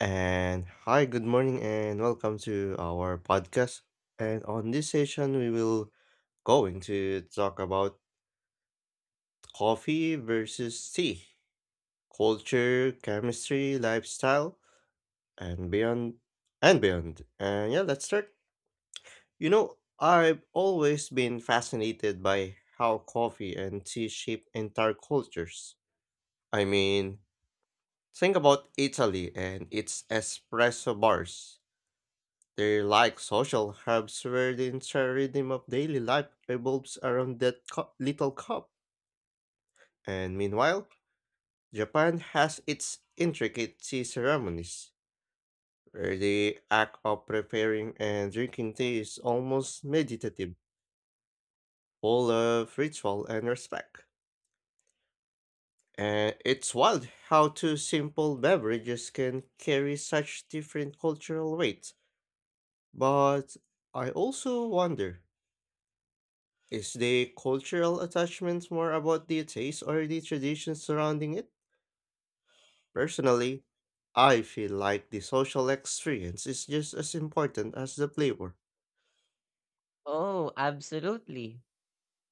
And hi, good morning, and welcome to our podcast. And on this session, we will going to talk about coffee versus tea, culture, chemistry, lifestyle, and beyond, And yeah, let's start. You know, I've always been fascinated by how coffee and tea shape entire cultures. I mean, think about Italy and its espresso bars. They're like social hubs where the entire rhythm of daily life revolves around that little cup. And meanwhile, Japan has its intricate tea ceremonies, where the act of preparing and drinking tea is almost meditative, full of ritual and respect. And it's wild how two simple beverages can carry such different cultural weight. But I also wonder, is the cultural attachment more about the taste or the traditions surrounding it? Personally, I feel like the social experience is just as important as the flavor. Oh, absolutely.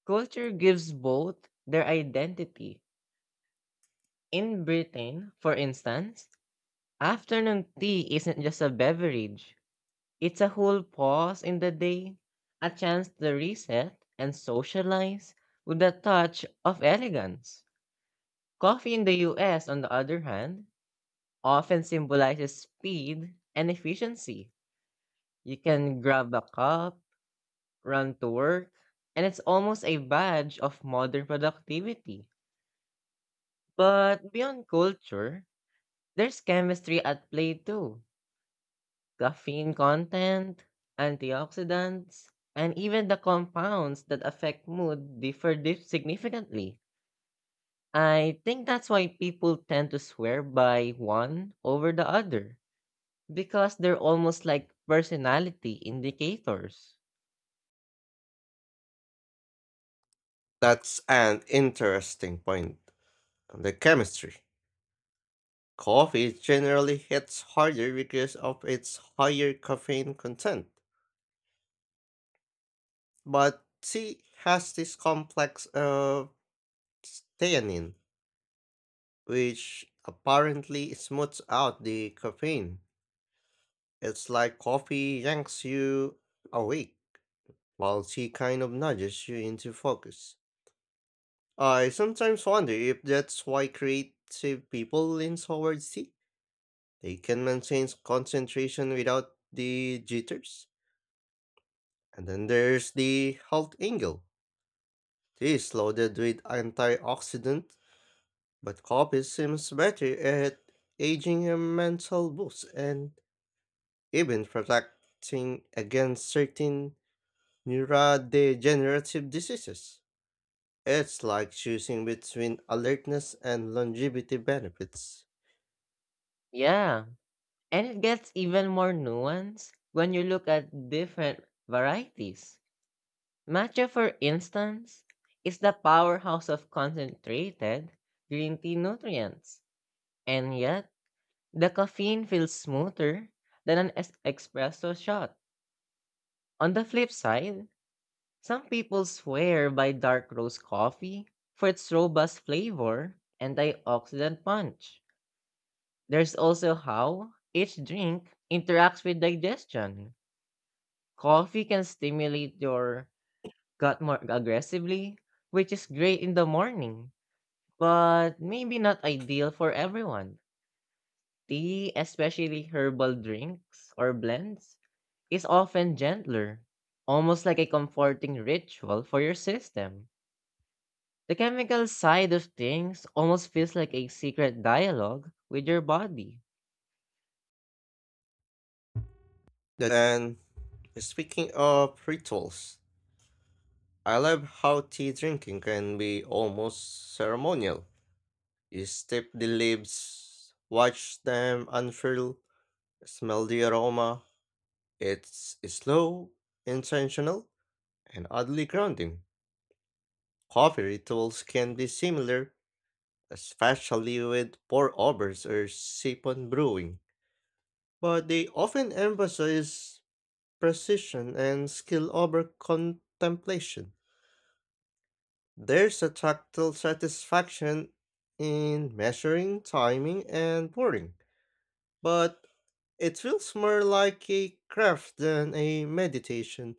Culture gives both their identity. In Britain, for instance, afternoon tea isn't just a beverage, it's a whole pause in the day, a chance to reset and socialize with a touch of elegance. Coffee in the US, on the other hand, often symbolizes speed and efficiency. You can grab a cup, run to work, and it's almost a badge of modern productivity. But beyond culture, there's chemistry at play too. Caffeine content, antioxidants, and even the compounds that affect mood differ significantly. I think that's why people tend to swear by one over the other because they're almost like personality indicators. That's an interesting point. The chemistry. Coffee generally hits harder because of its higher caffeine content, but tea has this complex of theanine, which apparently smooths out the caffeine. It's like coffee yanks you awake, while tea kind of nudges you into focus. I sometimes wonder if that's why creative people lean towards tea. They can maintain concentration without the jitters. And then there's the health angle. Tea is loaded with antioxidant, but coffee seems better at aging a mental boost and even protecting against certain neurodegenerative diseases. It's like choosing between alertness and longevity benefits. Yeah, and it gets even more nuanced when you look at different varieties. Matcha, for instance, is the powerhouse of concentrated green tea nutrients, and yet the caffeine feels smoother than an espresso shot. On the flip side, some people swear by dark roast coffee for its robust flavor and antioxidant punch. There's also how each drink interacts with digestion. Coffee can stimulate your gut more aggressively, which is great in the morning, but maybe not ideal for everyone. Tea, especially herbal drinks or blends, is often gentler, almost like a comforting ritual for your system. The chemical side of things almost feels like a secret dialogue with your body. And speaking of rituals, I love how tea drinking can be almost ceremonial. You step the leaves, watch them unfurl, smell the aroma. It's slow, intentional, and oddly grounding. Coffee rituals can be similar, especially with pour overs or siphon brewing. But they often emphasize precision and skill over contemplation. There's a tactile satisfaction in measuring, timing, and pouring, but it feels more like a craft than a meditation.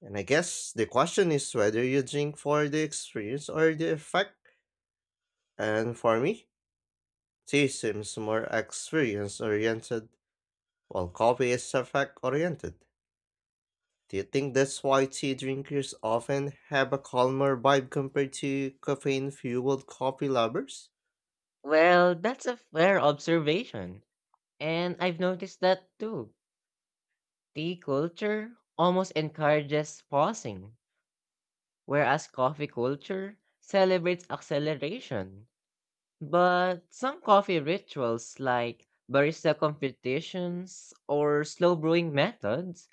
And I guess the question is whether you drink for the experience or the effect. And for me, tea seems more experience oriented, while coffee is effect oriented. Do you think that's why tea drinkers often have a calmer vibe compared to caffeine fueled coffee lovers? Well, that's a fair observation, and I've noticed that too. Tea culture almost encourages pausing, whereas coffee culture celebrates acceleration. But some coffee rituals, like barista competitions or slow brewing methods,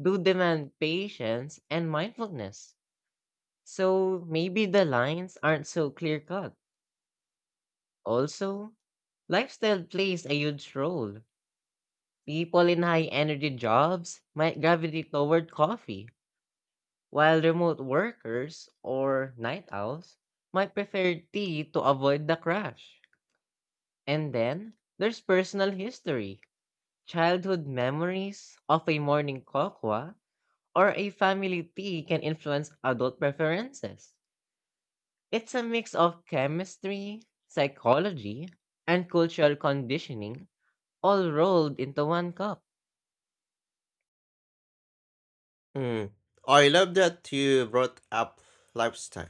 do demand patience and mindfulness. So maybe the lines aren't so clear cut. Also, lifestyle plays a huge role. People in high energy jobs might gravitate toward coffee, while remote workers or night owls might prefer tea to avoid the crash. And then, there's personal history. Childhood memories of a morning kokwa or a family tea can influence adult preferences. It's a mix of chemistry, psychology, and cultural conditioning all rolled into one cup. Hmm. I love that you brought up lifestyle.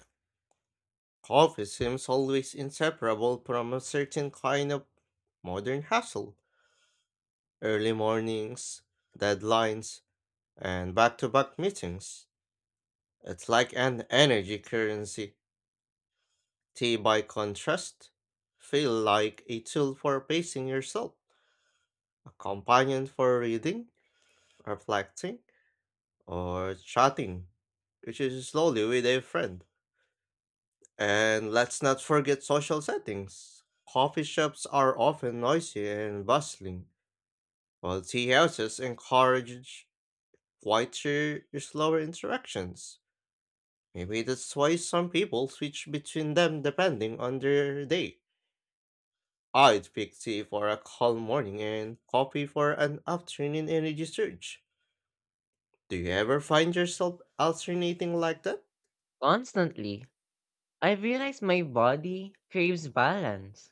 Coffee seems always inseparable from a certain kind of modern hustle. Early mornings, deadlines, and back to back meetings. It's like an energy currency. Tea, by contrast, feel like a tool for pacing yourself, a companion for reading, reflecting, or chatting, which is slowly with a friend. And let's not forget social settings. Coffee shops are often noisy and bustling, while tea houses encourage quieter, slower interactions. Maybe that's why some people switch between them depending on their day. I'd pick tea for a calm morning and coffee for an afternoon energy surge. Do you ever find yourself alternating like that? Constantly, I realize my body craves balance: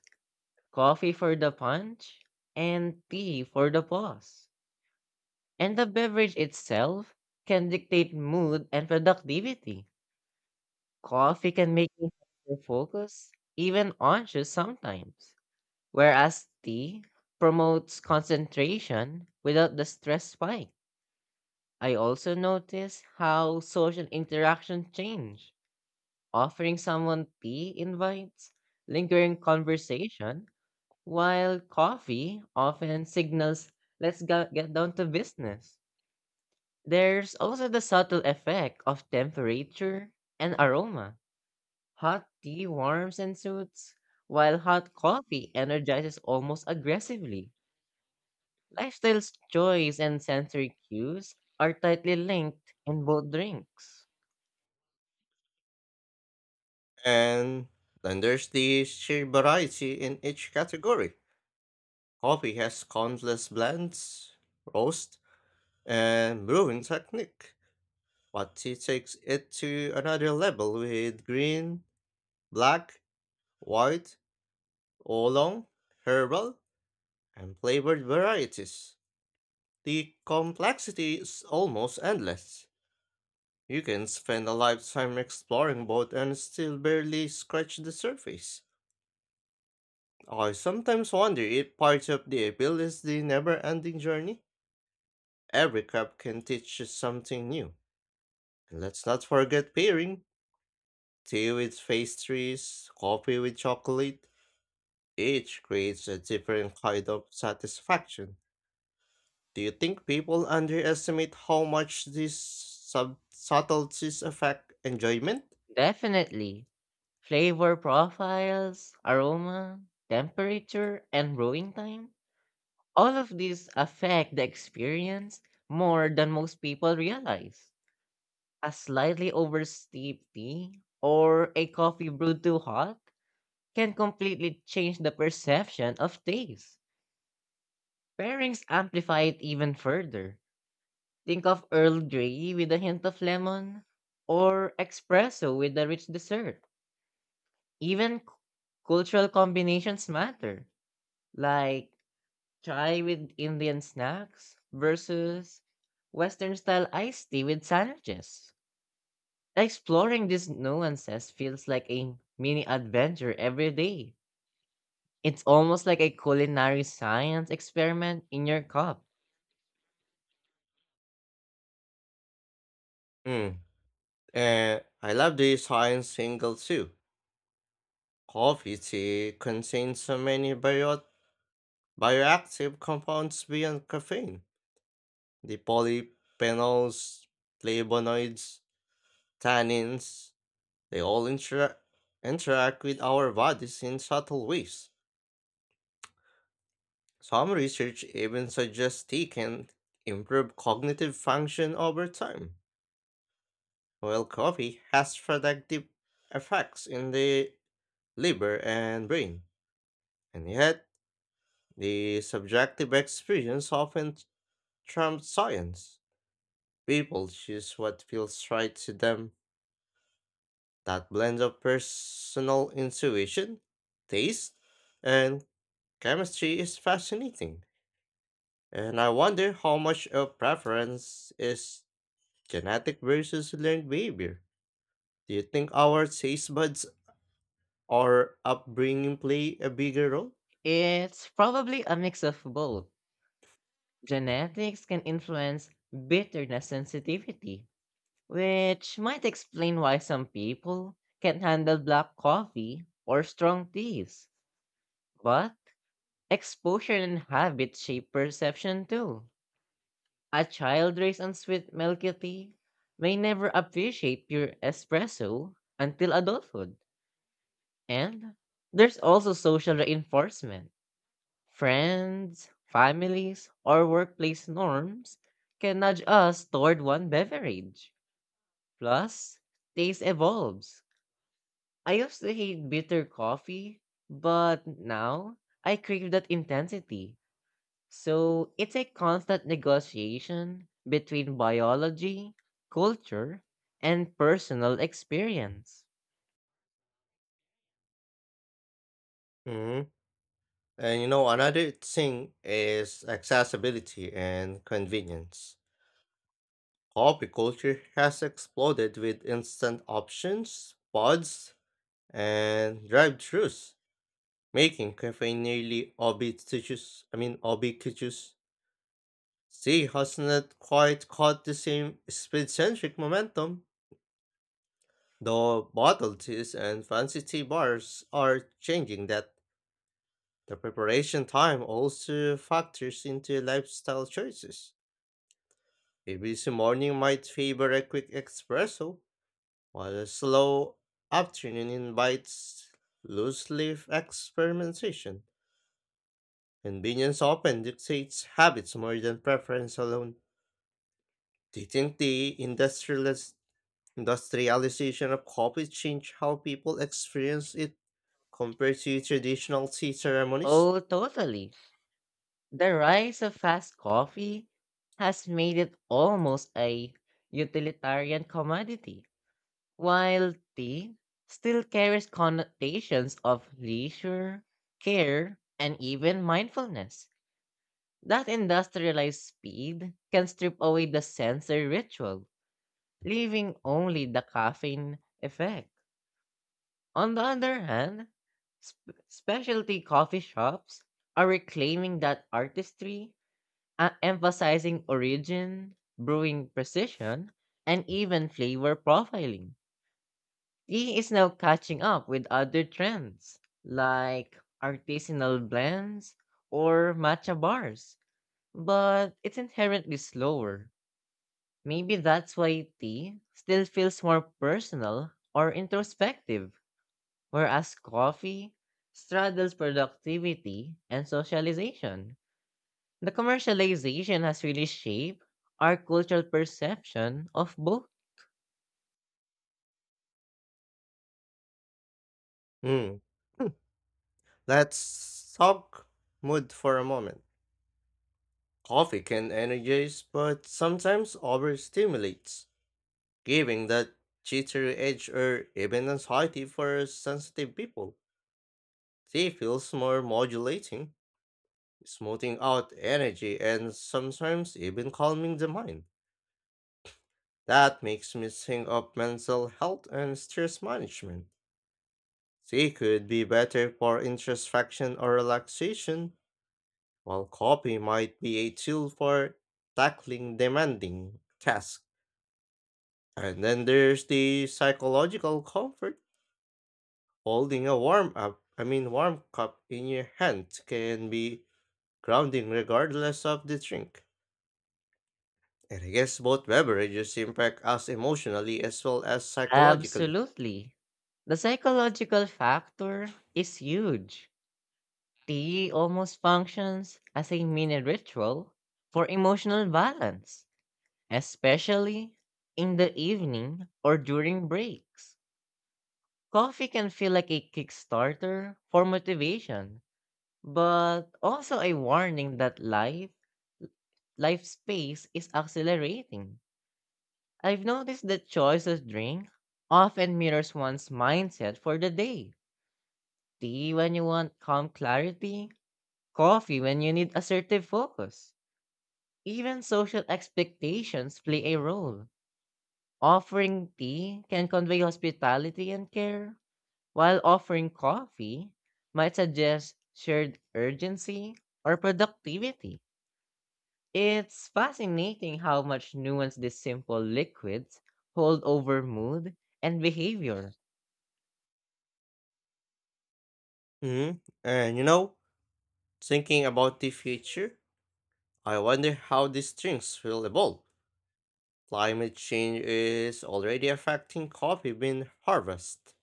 coffee for the punch, and tea for the pause. And the beverage itself can dictate mood and productivity. Coffee can make me hyper focus, even anxious sometimes, whereas tea promotes concentration without the stress spike. I also notice how social interaction change. Offering someone tea invites lingering conversation, while coffee often signals, let's get down to business. There's also the subtle effect of temperature and aroma. Hot tea warms and soothes, while hot coffee energizes almost aggressively. Lifestyle's choice and sensory cues are tightly linked in both drinks. And then there's the sheer variety in each category. Coffee has countless blends, roast, and brewing technique, but tea takes it to another level with green, black, white, oolong, herbal, and flavored varieties. The complexity is almost endless. You can spend a lifetime exploring both and still barely scratch the surface. I sometimes wonder if part of the appeal is the never ending journey. Every cup can teach you something new. And let's not forget pairing tea with pastries, coffee with chocolate. Each creates a different kind of satisfaction. Do you think people underestimate how much these subtleties affect enjoyment? Definitely, flavor profiles, aroma, temperature, and brewing time, all of these affect the experience more than most people realize. A slightly oversteeped tea or a coffee brewed too hot can completely change the perception of taste. Pairings amplify it even further. Think of Earl Grey with a hint of lemon or espresso with a rich dessert. Even cultural combinations matter, like chai with Indian snacks versus Western style iced tea with sandwiches. Exploring these nuances feels like a mini adventure every day. It's almost like a culinary science experiment in your cup. Mm. And I love the science single too. Coffee tea contains so many bioactive compounds beyond caffeine. The polyphenols, flavonoids, tannins, they all interact with our bodies in subtle ways. Some research even suggests tea can improve cognitive function over time. Well, coffee has sedative effects in the liver and brain, and yet the subjective experience often trumps science. People choose what feels right to them. That blend of personal intuition, taste, and chemistry is fascinating. And I wonder how much of preference is genetic versus learned behavior. Do you think our taste buds or upbringing play a bigger role? It's probably a mix of both. Genetics can influence bitterness sensitivity, which might explain why some people can't handle black coffee or strong teas. But exposure and habit shape perception too. A child raised on sweet milky tea may never appreciate pure espresso until adulthood. And there's also social reinforcement. Friends, families, or workplace norms can nudge us toward one beverage. Plus, taste evolves. I used to hate bitter coffee, but now I crave that intensity. So it's a constant negotiation between biology, culture, and personal experience. Mhm. And you know, another thing is accessibility and convenience. Coffee culture has exploded with instant options, pods, and drive-thrus, making cafe nearly ubiquitous. Ubiquitous. Tea has not quite caught the same speed-centric momentum, though bottled teas and fancy tea bars are changing that. The preparation time also factors into lifestyle choices. A busy morning might favor a quick espresso, while a slow afternoon invites loose leaf experimentation. Convenience often dictates habits more than preference alone. Do you think the industrialization of coffee changed how people experience it compared to traditional tea ceremonies? Oh, totally. The rise of fast coffee has made it almost a utilitarian commodity, while tea still carries connotations of leisure, care, and even mindfulness. That industrialized speed can strip away the sensory ritual, leaving only the caffeine effect. On the other hand, specialty coffee shops are reclaiming that artistry, emphasizing origin, brewing precision, and even flavor profiling. Tea is now catching up with other trends like artisanal blends or matcha bars, but it's inherently slower. Maybe that's why tea still feels more personal or introspective, whereas coffee straddles productivity and socialization. The commercialization has really shaped our cultural perception of both. Hmm. Let's talk mood for a moment. Coffee can energize but sometimes overstimulates, giving that jittery edge or even anxiety for sensitive people. Tea feels more modulating, smoothing out energy and sometimes even calming the mind. That makes me think of mental health and stress management. Tea could be better for introspection or relaxation, while coffee might be a tool for tackling demanding tasks. And then there's the psychological comfort. Holding a warm up, I mean warm cup in your hand can be grounding regardless of the drink. And I guess both beverages impact us emotionally as well as psychologically. Absolutely. The psychological factor is huge. Tea almost functions as a mini ritual for emotional balance, especially in the evening or during breaks. Coffee can feel like a kickstarter for motivation, but also a warning that life space is accelerating. I've noticed that choice of drink often mirrors one's mindset for the day. Tea when you want calm clarity, coffee when you need assertive focus. Even social expectations play a role. Offering tea can convey hospitality and care, while offering coffee might suggest shared urgency or productivity. It's fascinating how much nuance these simple liquids hold over mood and behavior. Hmm. And you know, thinking about the future, I wonder how these drinks will evolve. Climate change is already affecting coffee bean harvest,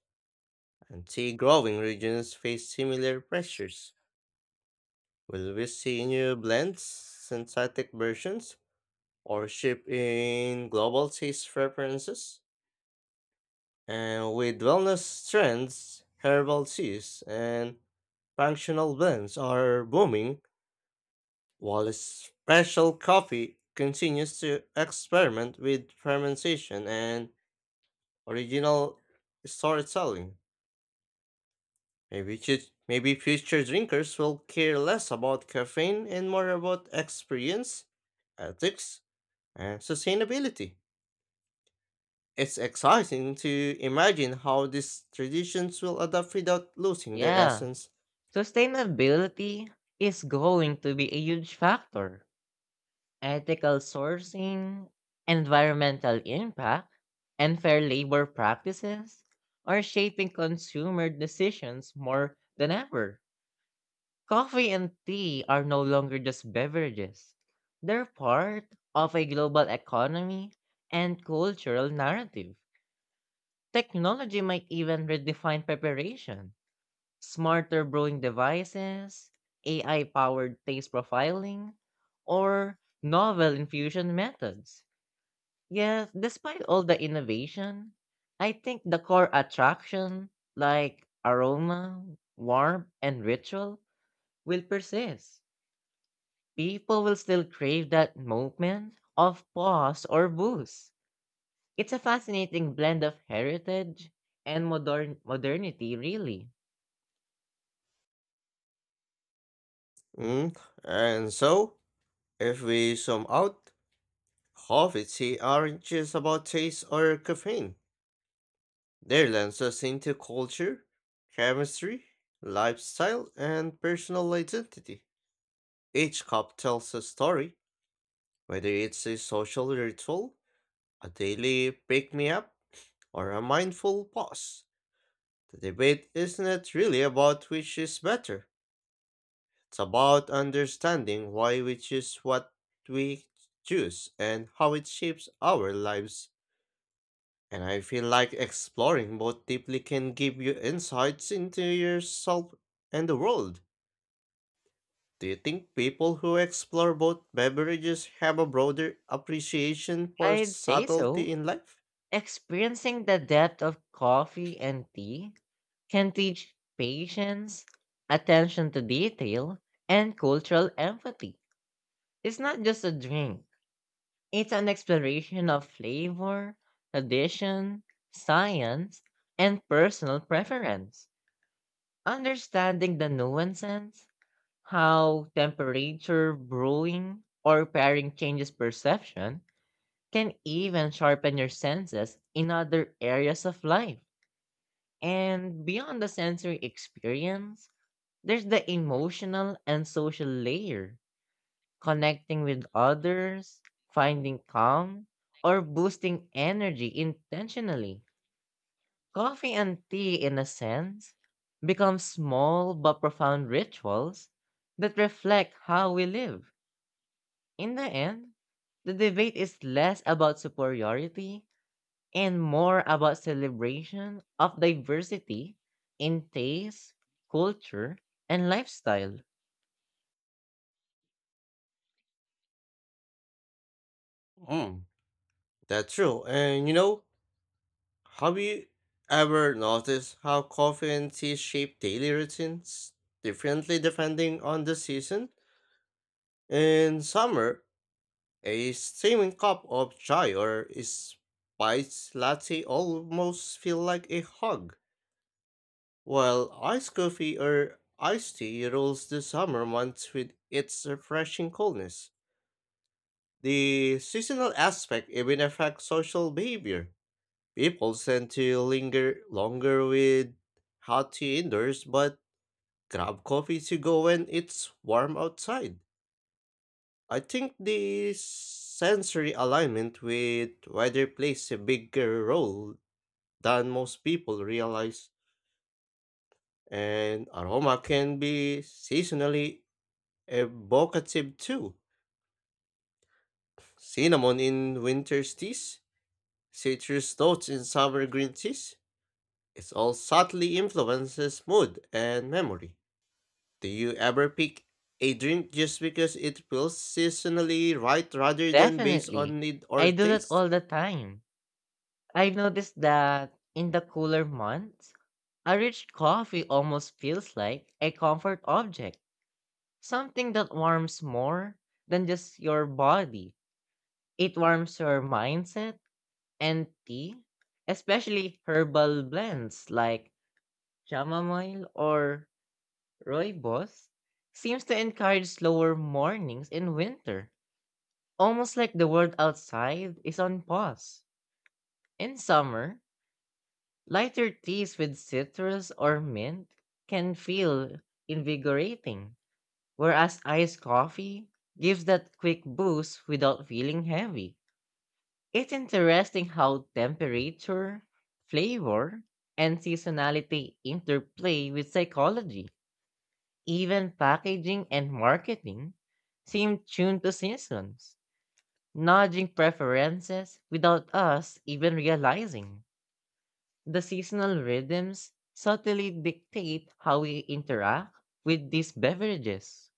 and tea growing regions face similar pressures. Will we see new blends, synthetic versions, or shift in global taste preferences? And with wellness trends, herbal teas and functional blends are booming, while special coffee continues to experiment with fermentation and original storytelling. Maybe future drinkers will care less about caffeine and more about experience, ethics, and sustainability. It's exciting to imagine how these traditions will adapt without losing their Yeah, essence. sustainability is going to be a huge factor. Ethical sourcing, environmental impact, and fair labor practices are shaping consumer decisions more than ever. Coffee and tea are no longer just beverages, they're part of a global economy and cultural narrative. Technology might even redefine preparation. Smarter brewing devices, AI powered taste profiling, or novel infusion methods. Yes, despite all the innovation, I think the core attraction, like aroma, warmth, and ritual, will persist. People will still crave that moment of pause or boost. It's a fascinating blend of heritage and modernity, really. Mm. And so, if we sum out, coffee tea aren't just about taste or caffeine. They lens us into culture, chemistry, lifestyle, and personal identity. Each cup tells a story. Whether it's a social ritual, a daily pick me up, or a mindful pause, the debate isn't really about which is better. It's about understanding why we choose what we choose and how it shapes our lives. And I feel like exploring both deeply can give you insights into yourself and the world. Do you think people who explore both beverages have a broader appreciation for I'd say subtlety so. in life? Experiencing the depth of coffee and tea can teach patience, attention to detail, and cultural empathy. It's not just a drink, it's an exploration of flavor, tradition, science, and personal preference. Understanding the nuances, how temperature, brewing, or pairing changes perception, can even sharpen your senses in other areas of life. And beyond the sensory experience, there's the emotional and social layer, connecting with others, finding calm, or boosting energy intentionally. Coffee and tea, in a sense, become small but profound rituals that reflect how we live. In the end, the debate is less about superiority and more about celebration of diversity in taste, culture, and lifestyle. Mm, that's true. And you know, have you ever noticed how coffee and tea shape daily routines differently depending on the season? In summer, a steaming cup of chai or a spiced latte almost feel like a hug, while iced coffee or iced tea rules the summer months with its refreshing coolness. The seasonal aspect even affects social behavior. People tend to linger longer with hot tea indoors, but grab coffee to go when it's warm outside. I think the sensory alignment with weather plays a bigger role than most people realize, and aroma can be seasonally evocative too. Cinnamon in winter's teas, citrus notes in summer green teas. It all subtly influences mood and memory. Do you ever pick a drink just because it feels seasonally right rather than based Definitely, on need or I do that taste? all the time. I've noticed that in the cooler months, a rich coffee almost feels like a comfort object, something that warms more than just your body. It warms your mindset. And tea, especially herbal blends like chamomile or rooibos, seems to encourage slower mornings in winter, almost like the world outside is on pause. In summer, lighter teas with citrus or mint can feel invigorating, whereas iced coffee gives that quick boost without feeling heavy. It's interesting how temperature, flavor, and seasonality interplay with psychology. Even packaging and marketing seem tuned to seasons, nudging preferences without us even realizing. The seasonal rhythms subtly dictate how we interact with these beverages.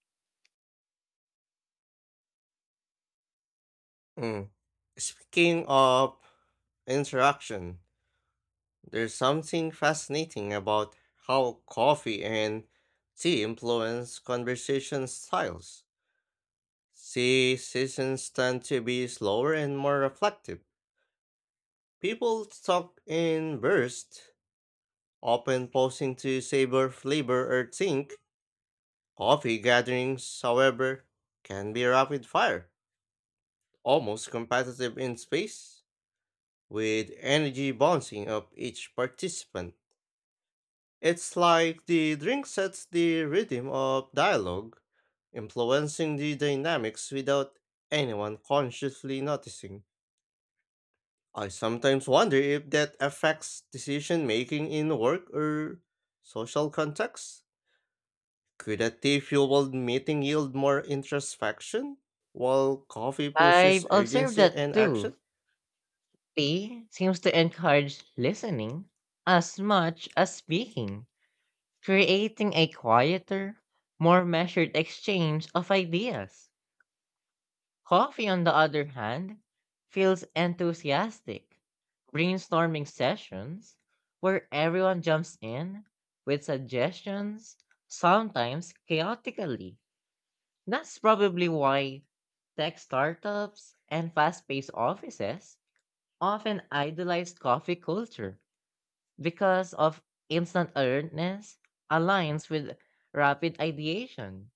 Mm. Speaking of interaction, there's something fascinating about how coffee and tea influence conversation styles. Tea sessions tend to be slower and more reflective. People talk in bursts, often pausing to savor flavor or think. Coffee gatherings, however, can be rapid fire, almost competitive in space, with energy bouncing up each participant. It's like the drink sets the rhythm of dialogue, influencing the dynamics without anyone consciously noticing. I sometimes wonder if that affects decision making in work or social contexts. Could a tea-fueled meeting yield more introspection, while coffee pushes I've observed urgency that and too. action? Tea seems to encourage listening as much as speaking, creating a quieter, more measured exchange of ideas. Coffee, on the other hand, feels enthusiastic, brainstorming sessions where everyone jumps in with suggestions, sometimes chaotically. That's probably why tech startups and fast paced offices often idolize coffee culture, because of instant alertness aligns with rapid ideation.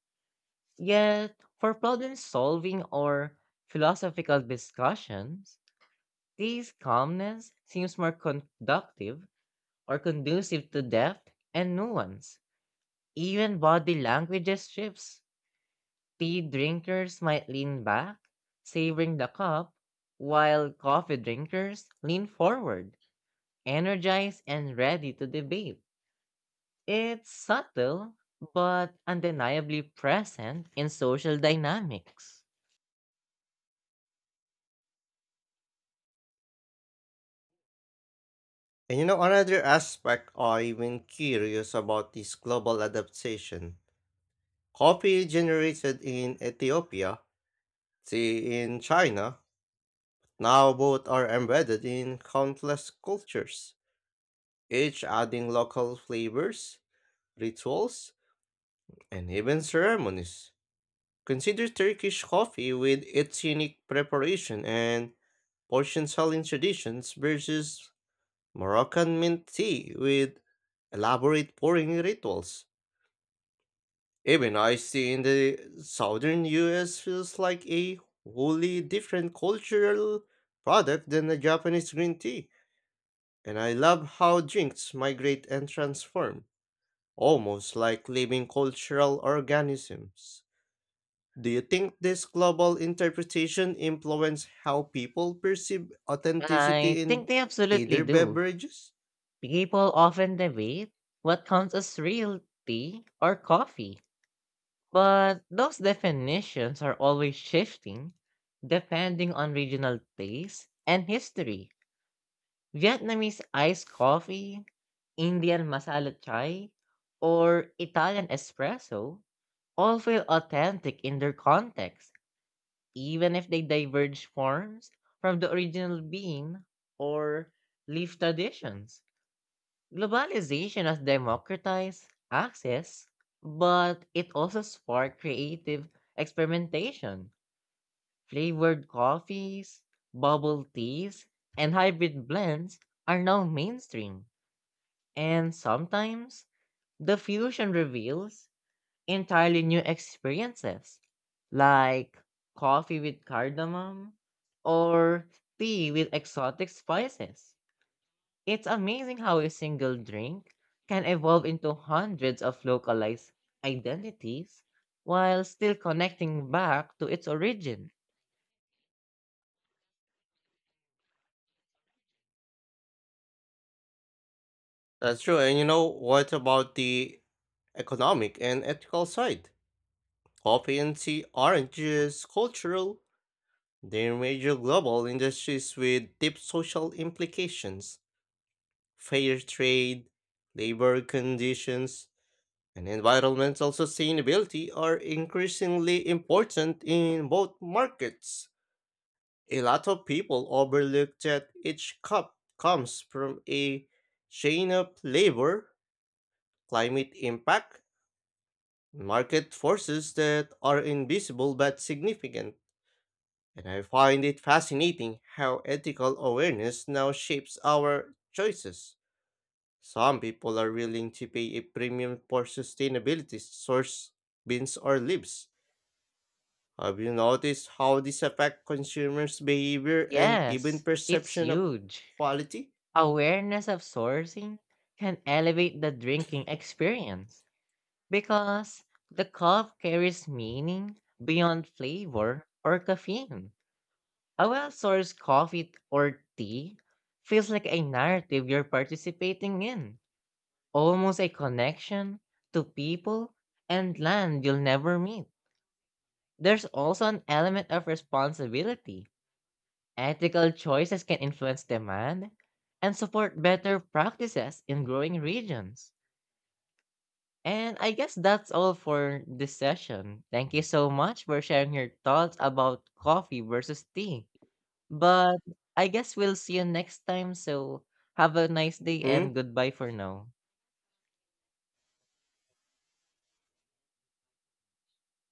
Yet, for problem solving or philosophical discussions, this calmness seems more conductive or conducive to depth and nuance. Even body languages shifts. Tea drinkers might lean back, savoring the cup, while coffee drinkers lean forward, energized and ready to debate. It's subtle, but undeniably present in social dynamics. And you know, another aspect I've been curious about is global adaptation. Coffee generated in Ethiopia, tea in China, now both are embedded in countless cultures, each adding local flavors, rituals, and even ceremonies. Consider Turkish coffee with its unique preparation and Persian selling traditions versus Moroccan mint tea with elaborate pouring rituals. Even iced tea in the southern US feels like a wholly different cultural product than the Japanese green tea, and I love how drinks migrate and transform, almost like living cultural organisms. Do you think this global interpretation influences how people perceive I authenticity think in they absolutely either do. beverages? People often debate what counts as real tea or coffee, but those definitions are always shifting depending on regional taste and history. Vietnamese iced coffee, Indian masala chai, or Italian espresso all feel authentic in their context, even if they diverge forms from the original bean or leaf traditions. Globalization has democratized access, but it also sparked creative experimentation. Flavored coffees, bubble teas, and hybrid blends are now mainstream. And sometimes the fusion reveals entirely new experiences, like coffee with cardamom or tea with exotic spices. It's amazing how a single drink can evolve into hundreds of localized identities while still connecting back to its origin. That's true. And you know, what about the economic and ethical side? Coffee and tea aren't just cultural, they're major global industries with deep social implications. Fair trade, labor conditions, and environmental sustainability are increasingly important in both markets. A lot of people overlook that each cup comes from a chain of labor, climate impact, market forces that are invisible but significant, and I find it fascinating how ethical awareness now shapes our choices. Some people are willing to pay a premium for sustainability source beans or leaves. Have you noticed how this affects consumers' behavior and even Yes, it's perception of huge. quality? Awareness of sourcing can elevate the drinking experience because the cup carries meaning beyond flavor or caffeine. A well sourced coffee or tea feels like a narrative you're participating in, almost a connection to people and land you'll never meet. There's also an element of responsibility. Ethical choices can influence demand and support better practices in growing regions. And I guess that's all for this session. Thank you so much for sharing your thoughts about coffee versus tea. But I guess we'll see you next time. So have a nice day Mm? and goodbye for now.